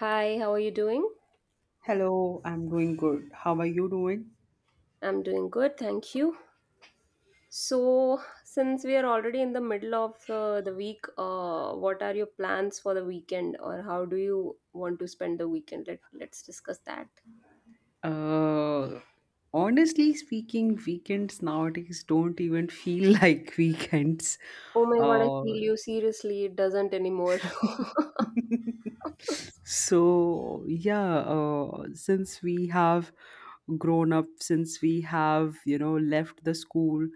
Hi, how are you doing? Hello, I'm doing good. How are you doing? I'm doing good, thank you. So, since we are already in the middle of the week, what are your plans for the weekend, or how do you want to spend the weekend? Let's discuss that. Uh, Honestly speaking, weekends nowadays don't even feel like weekends. Oh my God, I Uh, feel you. Seriously, it doesn't anymore. Since we have grown up, since we have, left the school,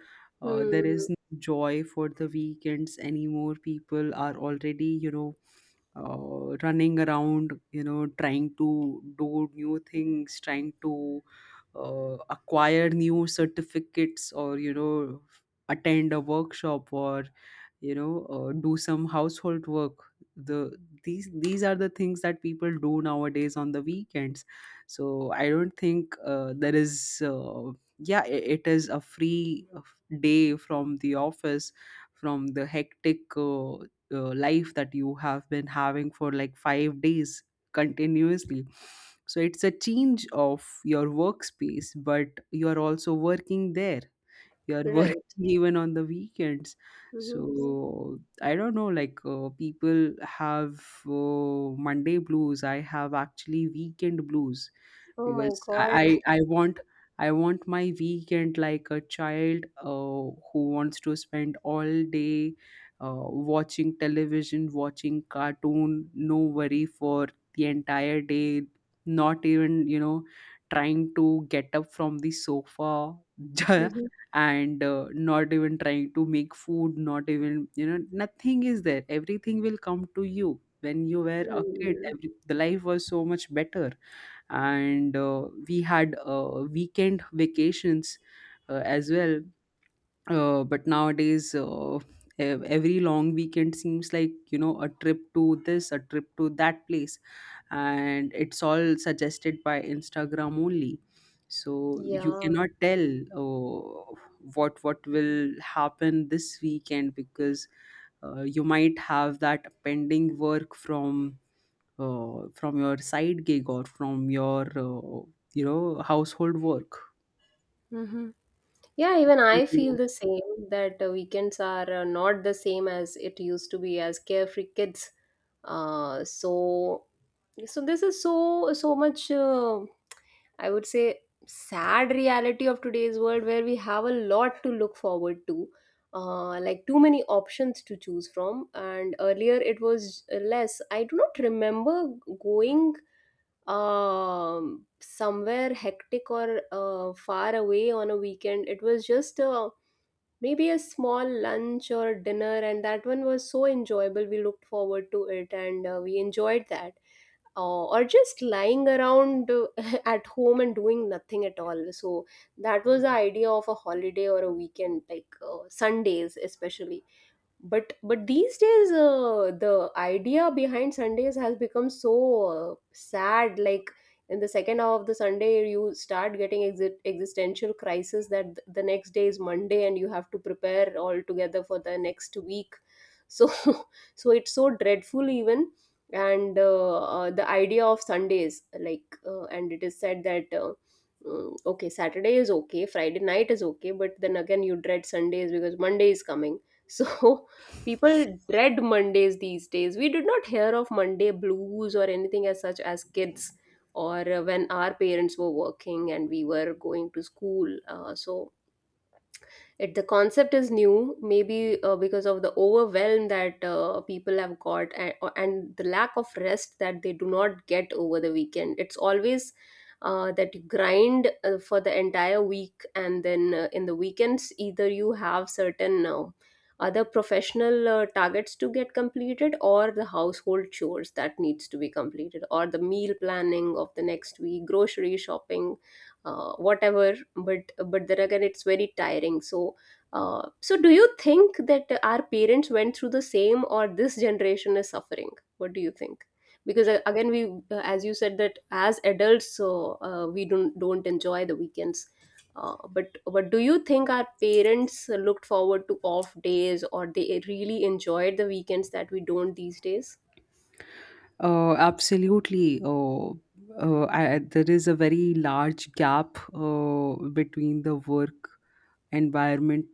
there Hmm. is no joy for the weekends anymore. People are already, running around, trying to do new things, trying to acquire new certificates or, attend a workshop or, do some household work. the these are the things that people do nowadays on the weekends. So I don't think there is yeah I It is a free day from the office, from the hectic life that you have been having for like 5 days continuously. So it's a change of your workspace, but you are also working there. You are working Right. even on the weekends. Hmm. So I don't know, like, people have Monday blues, I have actually weekend blues, Oh my because God. I want, I want my weekend like a child who wants to spend all day, uh, watching television, watching cartoon, no worry for the entire day, not even, trying to get up from the sofa, Mm-hmm. and not even trying to make food, not even, you know, nothing is there. Everything will come to you. When you were a kid, Hmm. The life was so much better. And we had weekend vacations as well, but nowadays every long weekend seems like, you know, a trip to this, a trip to that place, and it's all suggested by Instagram only. So you Yeah. cannot tell uh, what will happen this weekend, because you might have that pending work from your side gig or from your you know, household work. Hmm. Yeah, even What? I feel the same that weekends are not the same as it used to be as carefree kids. Uh, so, so, this is so much. I would say sad reality of today's world where we have a lot to look forward to, like too many options to choose from. And earlier it was less. I do not remember going somewhere hectic or far away on a weekend. It was just a maybe a small lunch or dinner, and that one was so enjoyable. We looked forward to it, and we enjoyed that, or just lying around at home and doing nothing at all. So that was the idea of a holiday or a weekend, like Sundays especially. But these days the idea behind Sundays has become so sad. Like in the second half of the Sunday, you start getting existential crisis that the next day is Monday and you have to prepare all together for the next week. So so it's so dreadful even. And the idea of Sundays, like, and it is said that okay, Saturday is okay, Friday night is okay, but then again you dread Sundays because Monday is coming. So people dread Mondays these days. We did not hear of Monday blues or anything as such as kids, or when our parents were working and we were going to school. So it, the concept is new, maybe because of the overwhelm that people have got, and the lack of rest that they do not get over the weekend. It's always that you grind for the entire week, and then in the weekends either you have certain other professional targets to get completed, or the household chores that needs to be completed, or the meal planning of the next week, grocery shopping, whatever. But then again it's very tiring. So so do you think that our parents went through the same, or this generation is suffering? What do you think? Because again we, as you said, that as adults, so we don't enjoy the weekends. But do you think our parents looked forward to off days, or they really enjoyed the weekends that we don't these days? Absolutely. There is a very large gap between the work environment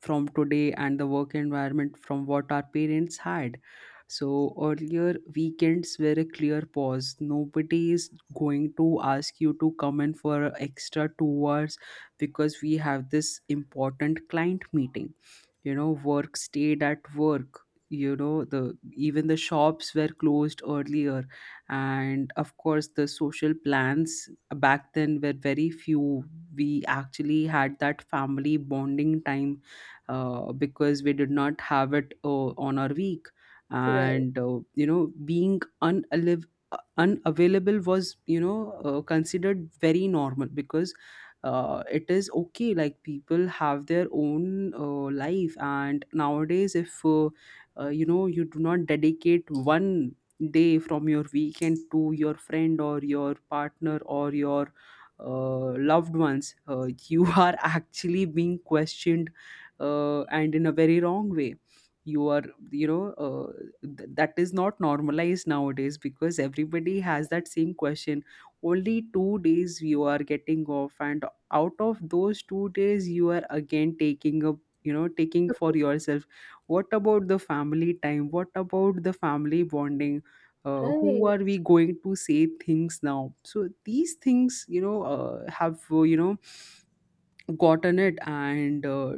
from today and the work environment from what our parents had. So earlier weekends were a clear pause. Nobody is going to ask you to come in for extra 2 hours because we have this important client meeting. You know, work stayed at work. You know, the even the shops were closed earlier, and of course the social plans back then were very few. We actually had that family bonding time because we did not have it on our week. Right. And you know, being unavailable was, you know, considered very normal, because it is okay, like people have their own life. And nowadays if you know, you do not dedicate one day from your weekend to your friend or your partner or your loved ones, you are actually being questioned, and in a very wrong way. You are, you know, that is not normalized nowadays, because everybody has that same question. Only 2 days you are getting off, and out of those 2 days you are again taking a, you know, taking for yourself. What about the family time? What about the family bonding? Who Right. are we going to say things now? So these things, you know, have you know, gotten it. And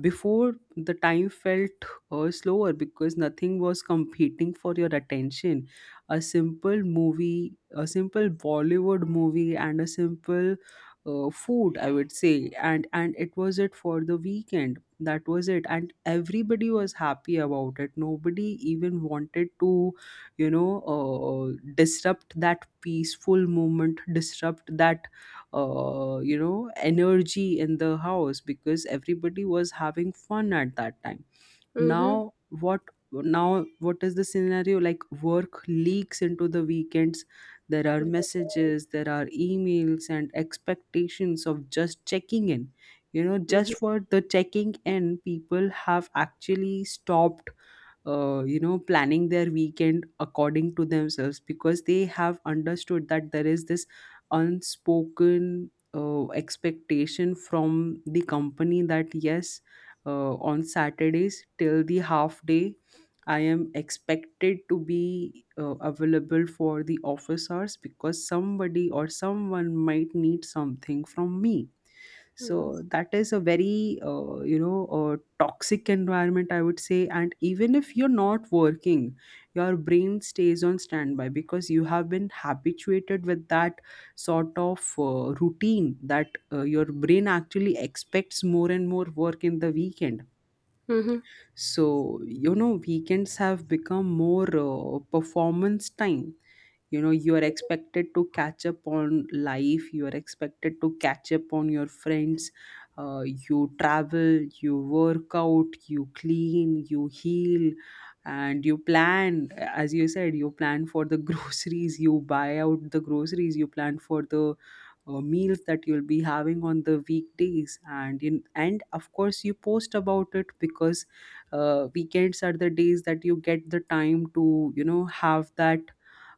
before, the time felt slower because nothing was competing for your attention. A simple movie, a simple Bollywood movie and a simple food, I would say, and it was it for the weekend. That was it, and everybody was happy about it. Nobody even wanted to, you know, disrupt that peaceful moment, disrupt that you know, energy in the house, because everybody was having fun at that time. Mm-hmm. now what Now what is the scenario? Like, work leaks into the weekends. There are Right. messages, there are emails, and expectations of just checking in. You know, Mm-hmm. just for the checking in, people have actually stopped you know, planning their weekend according to themselves, because they have understood that there is this unspoken expectation from the company that, yes, on Saturdays till the half day, I am expected to be available for the office hours, because somebody or someone might need something from me. Mm-hmm. So that is a very you know, toxic environment, I would say. And even if you're not working, your brain stays on standby, because you have been habituated with that sort of routine, that your brain actually expects more and more work in the weekend. Mm-hmm. So, you know, weekends have become more performance time. You know, you are expected to catch up on life, you are expected to catch up on your friends. uh, you travel, you work out, you clean, you heal, and you plan. As you said, you plan for the groceries, you buy out the groceries, you plan for the meals that you'll be having on the weekdays. And of course you post about it, because weekends are the days that you get the time to, you know, have that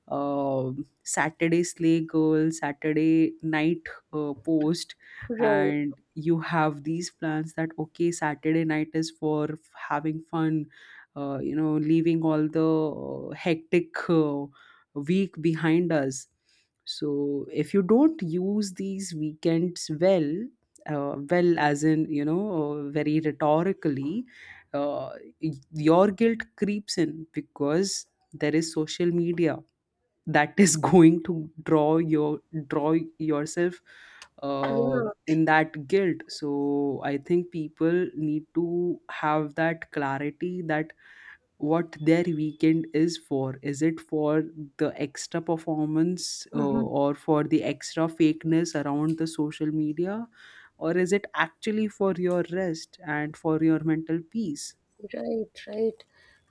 uh, Saturday Slay Girl, Saturday Night Post. Right. And you have these plans that, okay, Saturday night is for having fun, you know, leaving all the hectic week behind us. So if you don't use these weekends well, well, as in, you know, very rhetorically, uh, your guilt creeps in, because there is social media that is going to draw yourself Yeah. in that guilt. So I think people need to have that clarity, that what their weekend is for. Is it for the extra performance, Mhm. or for the extra fakeness around the social media, or is it actually for your rest and for your mental peace? Right, right.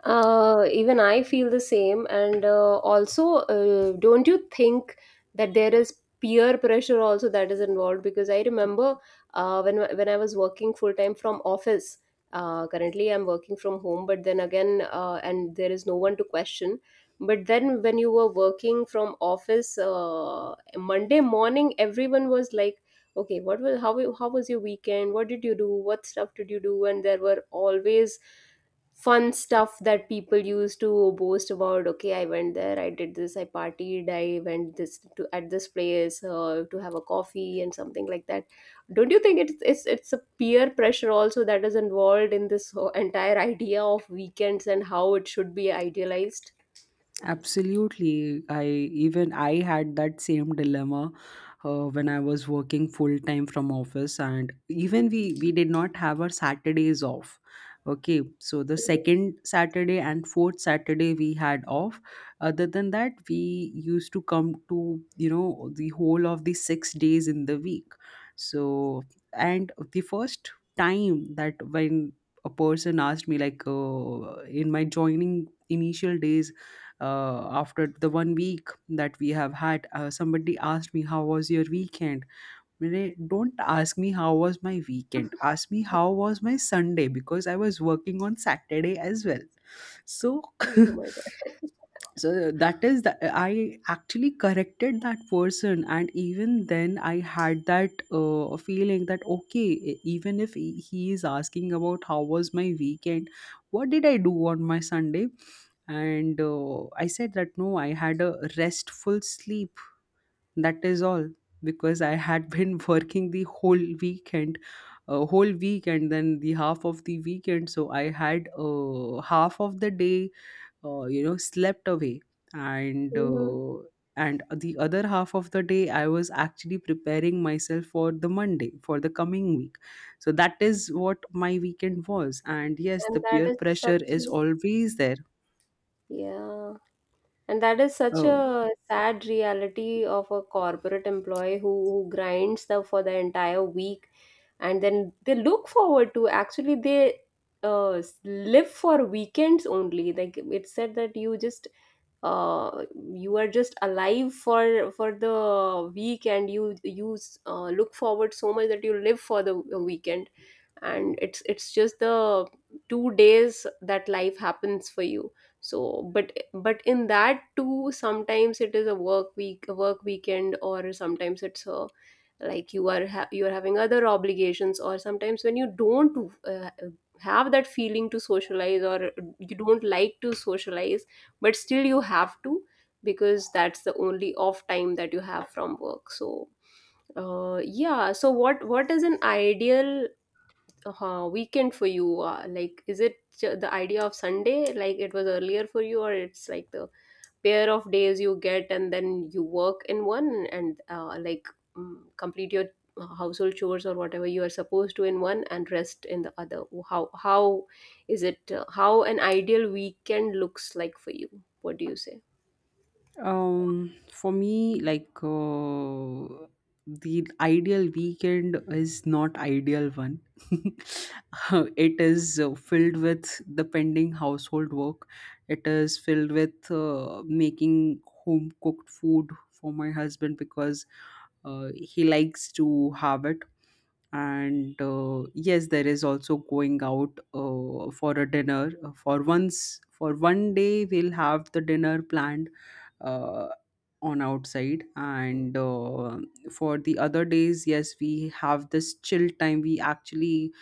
Even I feel the same. And also, don't you think that there is peer pressure also that is involved? Because I remember when I was working full time from office. Currently, I'm working from home, but then again, and there is no one to question. But then, when you were working from office, Monday morning, everyone was like, okay, what was, how was your weekend, what did you do, what stuff did you do? And there were always fun stuff that people used to boast about. Okay, I went there, I did this, I partied, I went this to at this place to have a coffee and something like that. Don't you think it's a peer pressure also that is involved in this whole entire idea of weekends and how it should be idealized? Absolutely. I had that same dilemma when I was working full time from office, and even we did not have our Saturdays off. Okay, so the second Saturday and fourth Saturday we had off. Other than that, we used to come to, you know, the whole of the 6 days in the week. So, and the first time that, when a person asked me, like, in my joining initial days, after the 1 week that we have had, somebody asked me, how was your weekend? Mire, don't ask me how was my weekend, ask me how was my Sunday, because I was working on Saturday as well, so Oh my God. so that is that, I actually corrected that person. And even then, I had that feeling that, okay, even if he is asking about how was my weekend, what did I do on my Sunday? And I said that no, I had a restful sleep, that is all, because I had been working the whole weekend a whole week, and then the half of the weekend, so I had half of the day you know, slept away. and Mhm. uh, and the other half of the day I was actually preparing myself for the Monday, for the coming week. So that is what my weekend was, and yes, the And peer that is pressure such is a, always there. yeah, and that is such Uh, a sad reality of a corporate employee who grinds the, for the entire week, and then they look forward to, actually they live for weekends only. Like it said that you just, uh, you are just alive for the week, and you look forward so much that you live for the weekend. And it's just the two days that life happens for you. So but in that too sometimes it is a work week, a work weekend, or sometimes it's a, like you are you are having other obligations, or sometimes when you don't uh, have that feeling to socialize, or you don't like to socialize, but still you have to, because that's the only off time that you have from work. So yeah, so what is an ideal weekend for you? Like, is it the idea of Sunday, like it was earlier for you, or it's like the pair of days you get, and then you work in one and like complete your household chores or whatever you are supposed to in one and rest in the other? How is it? How an ideal weekend looks like for you? What do you say? For me, like, the ideal weekend is not ideal one. It is filled with the pending household work. It is filled with making home cooked food for my husband, because he likes to have it. And yes, there is also going out for a dinner. For once, for one day, we'll have the dinner planned uh, on outside. And for the other days, yes, we have this chill time. We actually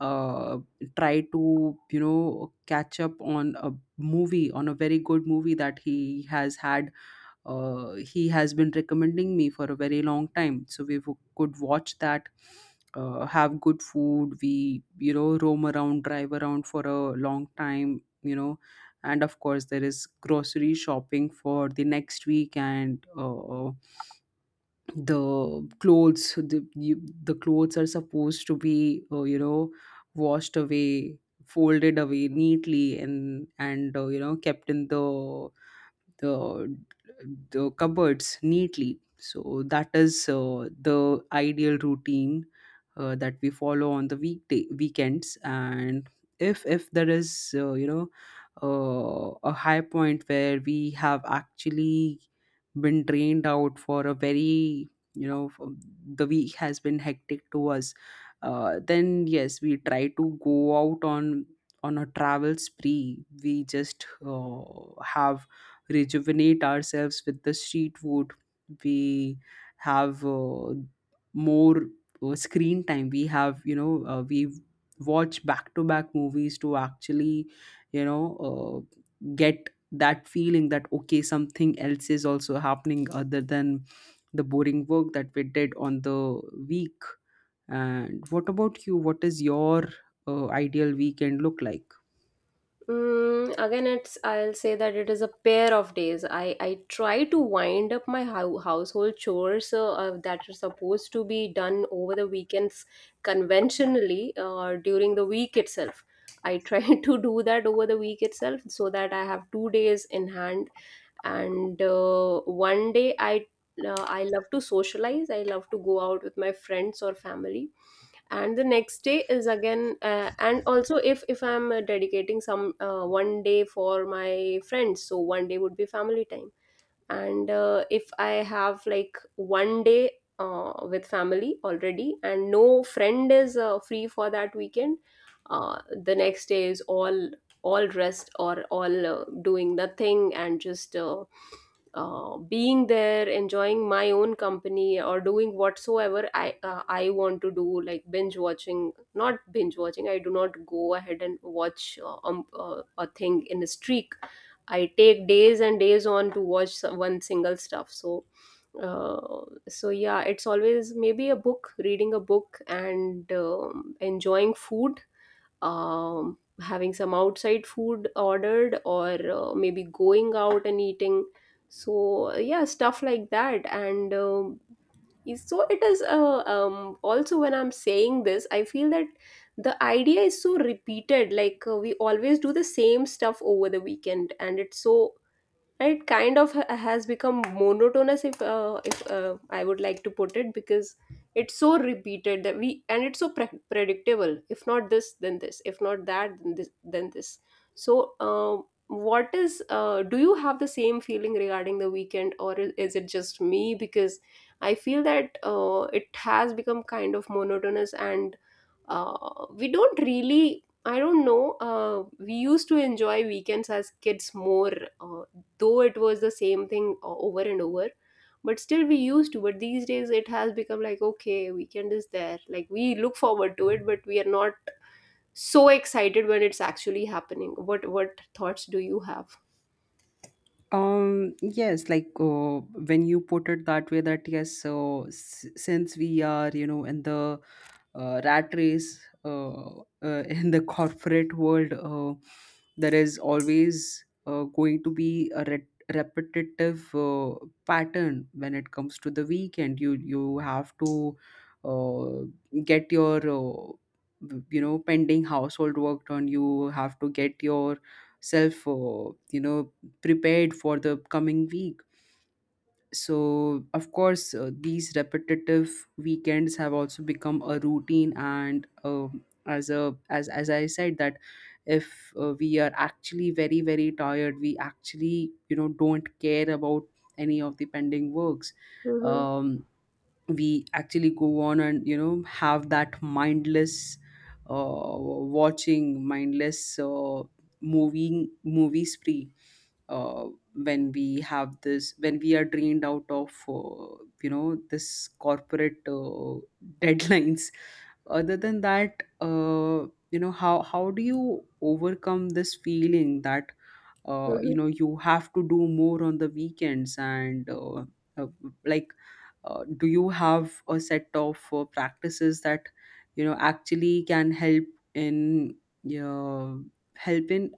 uh, try to, you know, catch up on a movie, on a very good movie that he has been recommending me for a very long time. So we could watch that, have good food. We, you know, roam around, drive around for a long time, you know. And of course, there is grocery shopping for the next week, and the clothes. The clothes are supposed to be, you know, washed away, folded away neatly, and you know, kept in the the cupboards neatly. So that is the ideal routine that we follow on the weekday weekends. And if there is a high point where we have actually been drained out for a very you know for- the week has been hectic to us, then yes, we try to go out on a travel spree. We just have rejuvenate ourselves with the street food, we have more screen time, we have we watch back to back movies to actually you know uh, get that feeling that okay, something else is also happening other than the boring work that we did on the week. And what about you, what is your ideal weekend look like? Mm, again, it's I'll say that it is a pair of days. I try to wind up my household chores that are supposed to be done over the weekends conventionally during the week itself. I try to do that over the week itself so that I have two days in hand, and one day I love to socialize. I love to go out with my friends or family. And the next day is again, and also if I'm dedicating some one day for my friends, so one day would be family time. And if I have like one day with family already and no friend is free for that weekend, the next day is all rest, or all doing nothing, and just being there, enjoying my own company, or doing whatsoever I want to do, like binge watching, not binge watching. I do not go ahead and watch a thing in a streak. I take days and days on to watch one single stuff. So, uh, so yeah, it's always maybe a book, reading a book, and enjoying food, having some outside food ordered, or maybe going out and eating. So yeah, stuff like that, and so it is. Also, when I'm saying this, I feel that the idea is so repeated. Like we always do the same stuff over the weekend, and it's so, and it kind of has become monotonous, if I would like to put it, because it's so repeated that we, and it's so predictable. If not this, then this, if not that, then this, then this. So what is do you have the same feeling regarding the weekend, or is it just me? Because I feel that it has become kind of monotonous, and we don't really, I don't know, we used to enjoy weekends as kids more, uh, though it was the same thing over and over, but still we used to. But these days it has become like, okay, weekend is there, like we look forward to it, but we are not so excited when it's actually happening. What thoughts do you have? Yes, like when you put it that way, that yes, so since we are, in the rat race, in the corporate world, there is always going to be a repetitive pattern when it comes to the weekend. You have to get your pending household work done. You have to get your self prepared for the coming week. So, of course, these repetitive weekends have also become a routine. And as a as as I said, that if we are actually very very tired, we actually don't care about any of the pending works. Mm-hmm. Um, we actually go on and, you know, have that mindless watching, mindless moving movie spree uh, when we have this, when we are drained out of, this corporate deadlines. Other than that, you know, how do you overcome this feeling that, you have to do more on the weekends? And uh, like do you have a set of practices that, you know, actually can help in uh, help in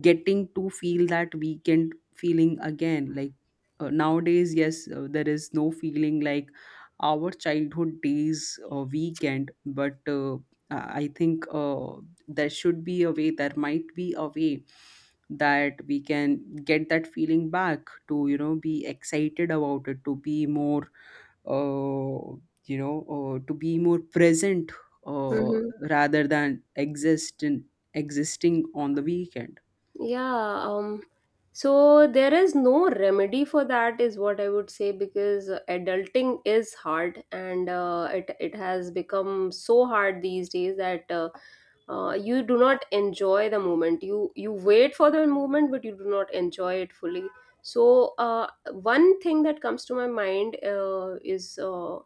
getting to feel that weekend feeling again? Like nowadays, yes, there is no feeling like our childhood days weekend. But I think there should be a way, there might be a way that we can get that feeling back to, you know, be excited about it, to be more uh, to be more present, uh, Mm-hmm. rather than exist in, existing on the weekend. Yeah, so there is no remedy for that, is what I would say, because adulting is hard, and it it has become so hard these days that you do not enjoy the moment. You wait for the moment, but you do not enjoy it fully. So one thing that comes to my mind is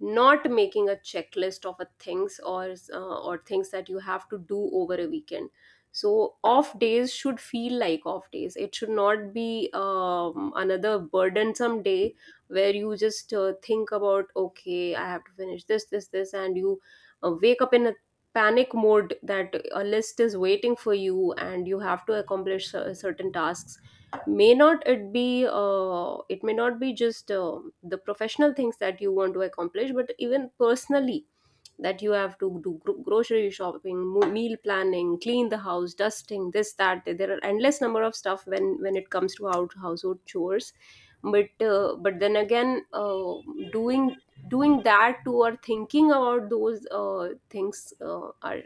not making a checklist of a things, or things that you have to do over a weekend. So off days should feel like off days. It should not be another burdensome day where you just think about, okay, I have to finish this, this, this, and you wake up in a panic mode that a list is waiting for you, and you have to accomplish certain tasks. May not it be it may not be just the professional things that you want to accomplish, but even personally, that you have to do grocery shopping, meal planning, clean the house, dusting, this, that. There are endless number of stuff when it comes to out household chores. But then again doing, doing that too, or thinking about those things are,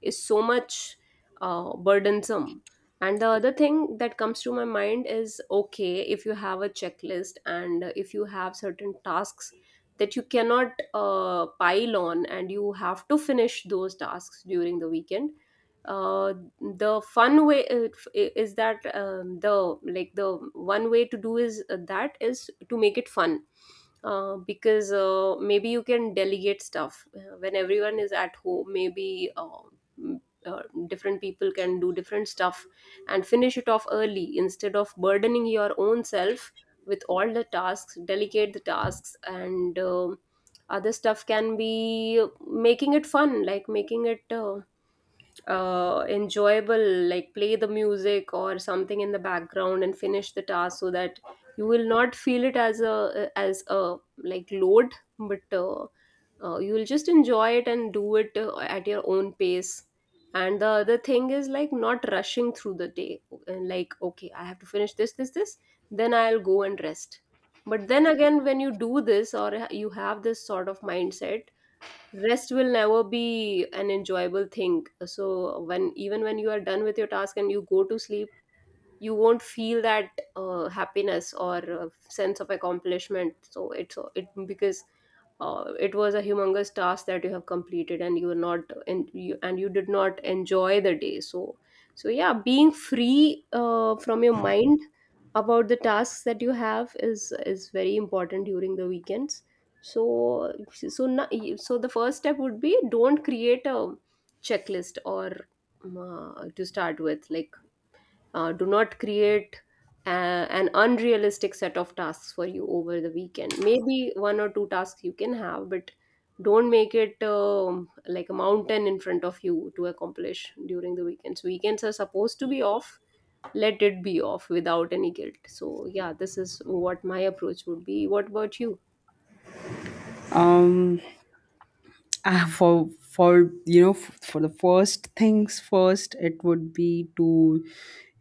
is so much burdensome. And the other thing that comes to my mind is, okay, if you have a checklist and if you have certain tasks that you cannot pile on and you have to finish those tasks during the weekend, uh, the fun way is that the one way to do is that is to make it fun, because maybe you can delegate stuff. When everyone is at home, maybe m- uh, different people can do different stuff and finish it off early instead of burdening your own self with all the tasks. Delegate the tasks, and other stuff can be making it fun, like making it enjoyable, like play the music or something in the background and finish the task so that you will not feel it as a like load, but you will just enjoy it and do it at your own pace. And the other thing is like not rushing through the day and like, okay, I have to finish this, this, this, then I'll go and rest. But then again, when you do this or you have this sort of mindset, rest will never be an enjoyable thing. So when, even when you are done with your task and you go to sleep, you won't feel that happiness or sense of accomplishment. So it's it because it was a humongous task that you have completed and you were not, and you did not enjoy the day. So so yeah, being free from your mind about the tasks that you have is very important during the weekends. so so na- so the first step would be, don't create a checklist, or to start with, like, do not create an unrealistic set of tasks for you over the weekend. Maybe one or two tasks you can have, but don't make it like a mountain in front of you to accomplish during the weekends. Weekends are supposed to be off. Let it be off without any guilt. So yeah, this is what my approach would be. What about you? um for for the first things first, it would be to,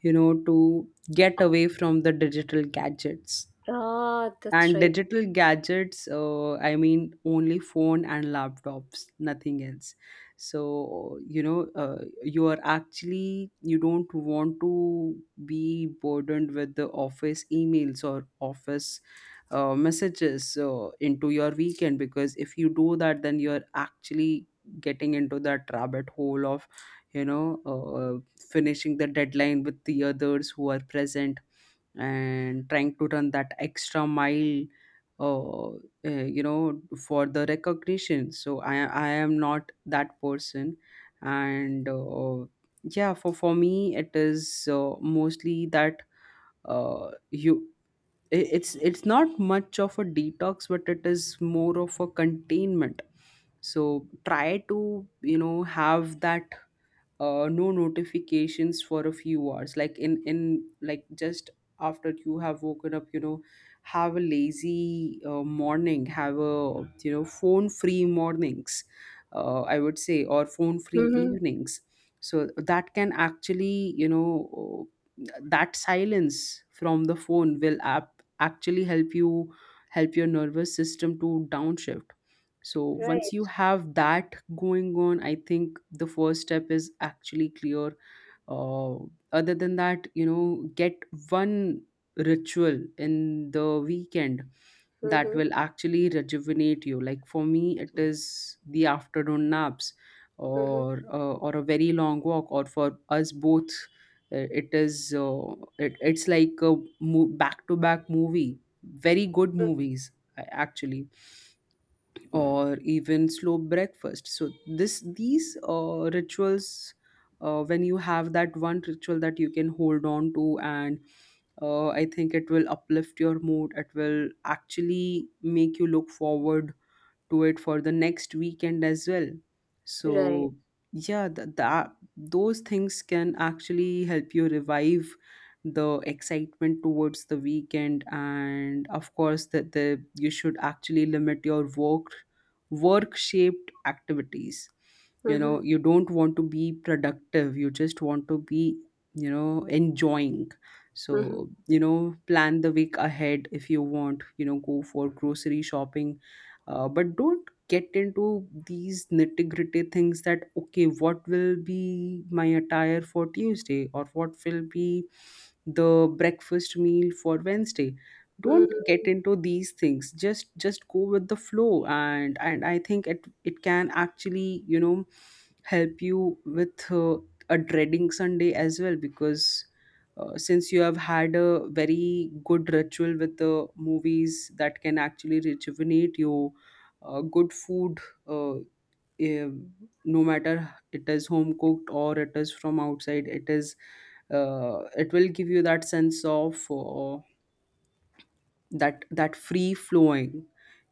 you know, to get away from the digital gadgets. Ah, that's And right. digital gadgets, I mean, only phone and laptops, nothing else. So, you know, you are actually, you don't want to be burdened with the office emails or office messages into your weekend, because if you do that, then you're actually getting into that rabbit hole of, you know, uh, finishing the deadline with the others who are present and trying to run that extra mile, uh, uh, you know, for the recognition. So I am not that person. And yeah, for me it is mostly that you I- it's not much of a detox, but it is more of a containment. So try to, you know, have that no notifications for a few hours, like in like just after you have woken up, you know, have a lazy morning, have a, you know, phone free mornings, I would say, or phone free Mm-hmm. evenings. So that can actually, you know, that silence from the phone will app actually help you, help your nervous system to downshift. So once you Right. have that going on, I think the first step is actually clear. Uh, Other than that, you know, get one ritual in the weekend that Mm-hmm. will actually rejuvenate you. Like for me, it is the afternoon naps, Mm-hmm. or a very long walk, or for us both, it is it's like a back to back movie. Very good movies, actually, or even slow breakfast. So this these rituals, when you have that one ritual that you can hold on to, and I think it will uplift your mood, it will actually make you look forward to it for the next weekend as well. Right. So yeah, that those things can actually help you revive the excitement towards the weekend. And of course, that the you should actually limit your work, work shaped activities. You Mm-hmm. know, you don't want to be productive, you just want to be, you know, enjoying. So, you know, plan the week ahead, if you want, you know, go for grocery shopping. But don't get into these nitty-gritty things that, okay, what will be my attire for Tuesday, or what will be the breakfast meal for Wednesday. Don't get Mm-hmm. into these things, just go with the flow. And I think it can actually, you know, help you with a dreading Sunday as well, because since you have had a very good ritual with the movies that can actually rejuvenate you, good food, uh, eh, no matter it is home cooked or it is from outside, it will give you that sense of that that free flowing.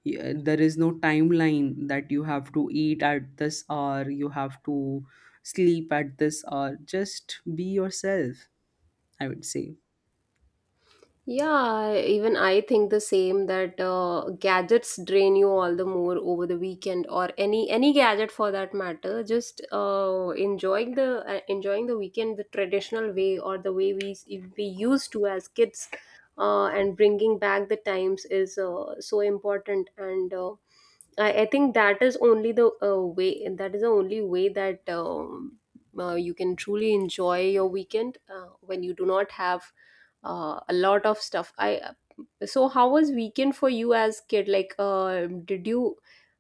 Yeah, there is no timeline that you have to eat at this hour, you have to sleep at this hour, just be yourself, I would say. Yeah, even I think the same, that gadgets drain you all the more over the weekend, or any gadget for that matter. Just enjoying the, enjoying the weekend the traditional way, or the way we used to as kids, and bringing back the times is so important. And uh, I think that is only the way, that is the only way that you can truly enjoy your weekend when you do not have a lot of stuff i. So how was weekend for you as kid, like, did you,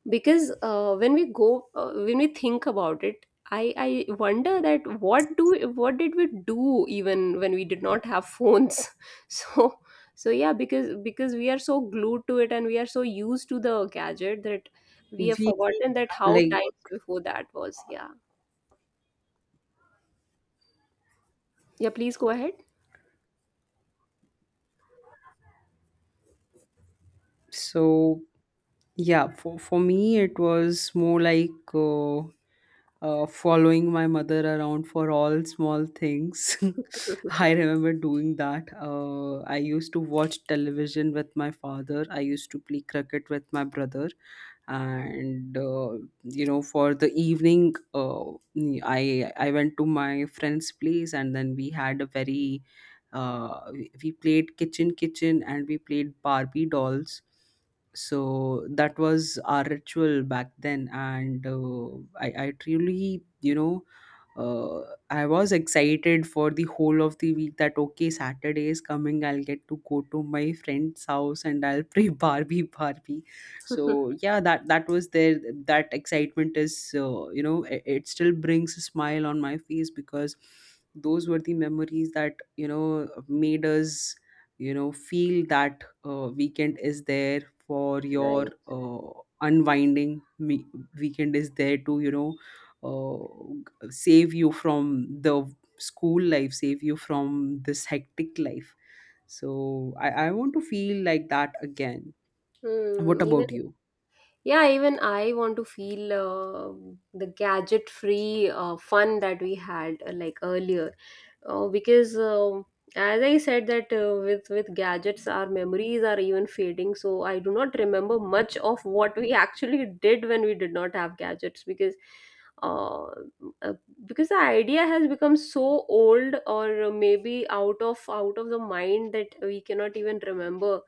because when we think about it, I wonder that what do, what did we do even when we did not have phones? So so yeah, because we are so glued to it and we are so used to the gadget that we have We forgotten that how like. times before that was. Yeah, yeah, please go ahead. So yeah, for me it was more like following my mother around for all small things. I remember doing that. I used to watch television with my father. I used to play cricket with my brother, and you know, for the evening, I went to my friend's place, and then we had a very we played kitchen kitchen, and we played barbie dolls. So that was our ritual back then. And I truly, you know, uh, I was excited for the whole of the week that, okay, Saturday is coming, I'll get to go to my friend's house, and I'll play barbie barbie. So yeah, that was there, that excitement is, it still brings a smile on my face, because those were the memories that, you know, made us, you know, feel that weekend is there for your Right. Unwinding. Weekend is there to, you know, save you from the school life, save you from this hectic life. So I want to feel like that again. What Hmm, even. about you? Yeah, even I want to feel the gadget free fun that we had like earlier, because um, as I said, that uh, with gadgets our memories are even fading, so I do not remember much of what we actually did when we did not have gadgets, uh, uh, because the idea has become so old, or maybe out of the mind that we cannot even remember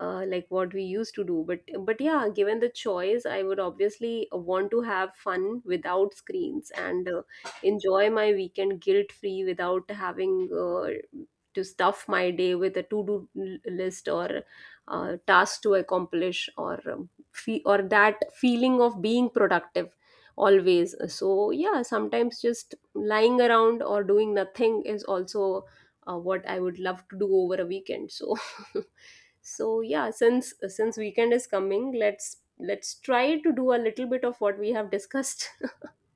like what we used to do. But yeah, given the choice, I would obviously want to have fun without screens and enjoy my weekend guilt free without having to stuff my day with a to do list or task to accomplish, or or that feeling of being productive always. So yeah, sometimes just lying around or doing nothing is also what I would love to do over a weekend. So so yeah, since weekend is coming, let's try to do a little bit of what we have discussed.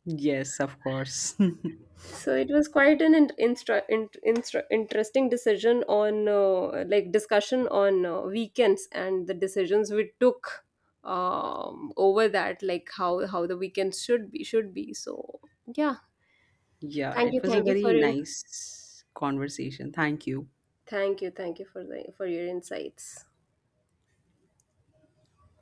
Yes, of course. So it was quite an interesting decision on, like, discussion on weekends and the decisions we took over that, like how how the weekends should be. So yeah, Yeah, thank it you, was a very nice conversation, thank you. thank you, thank you for the, for your insights.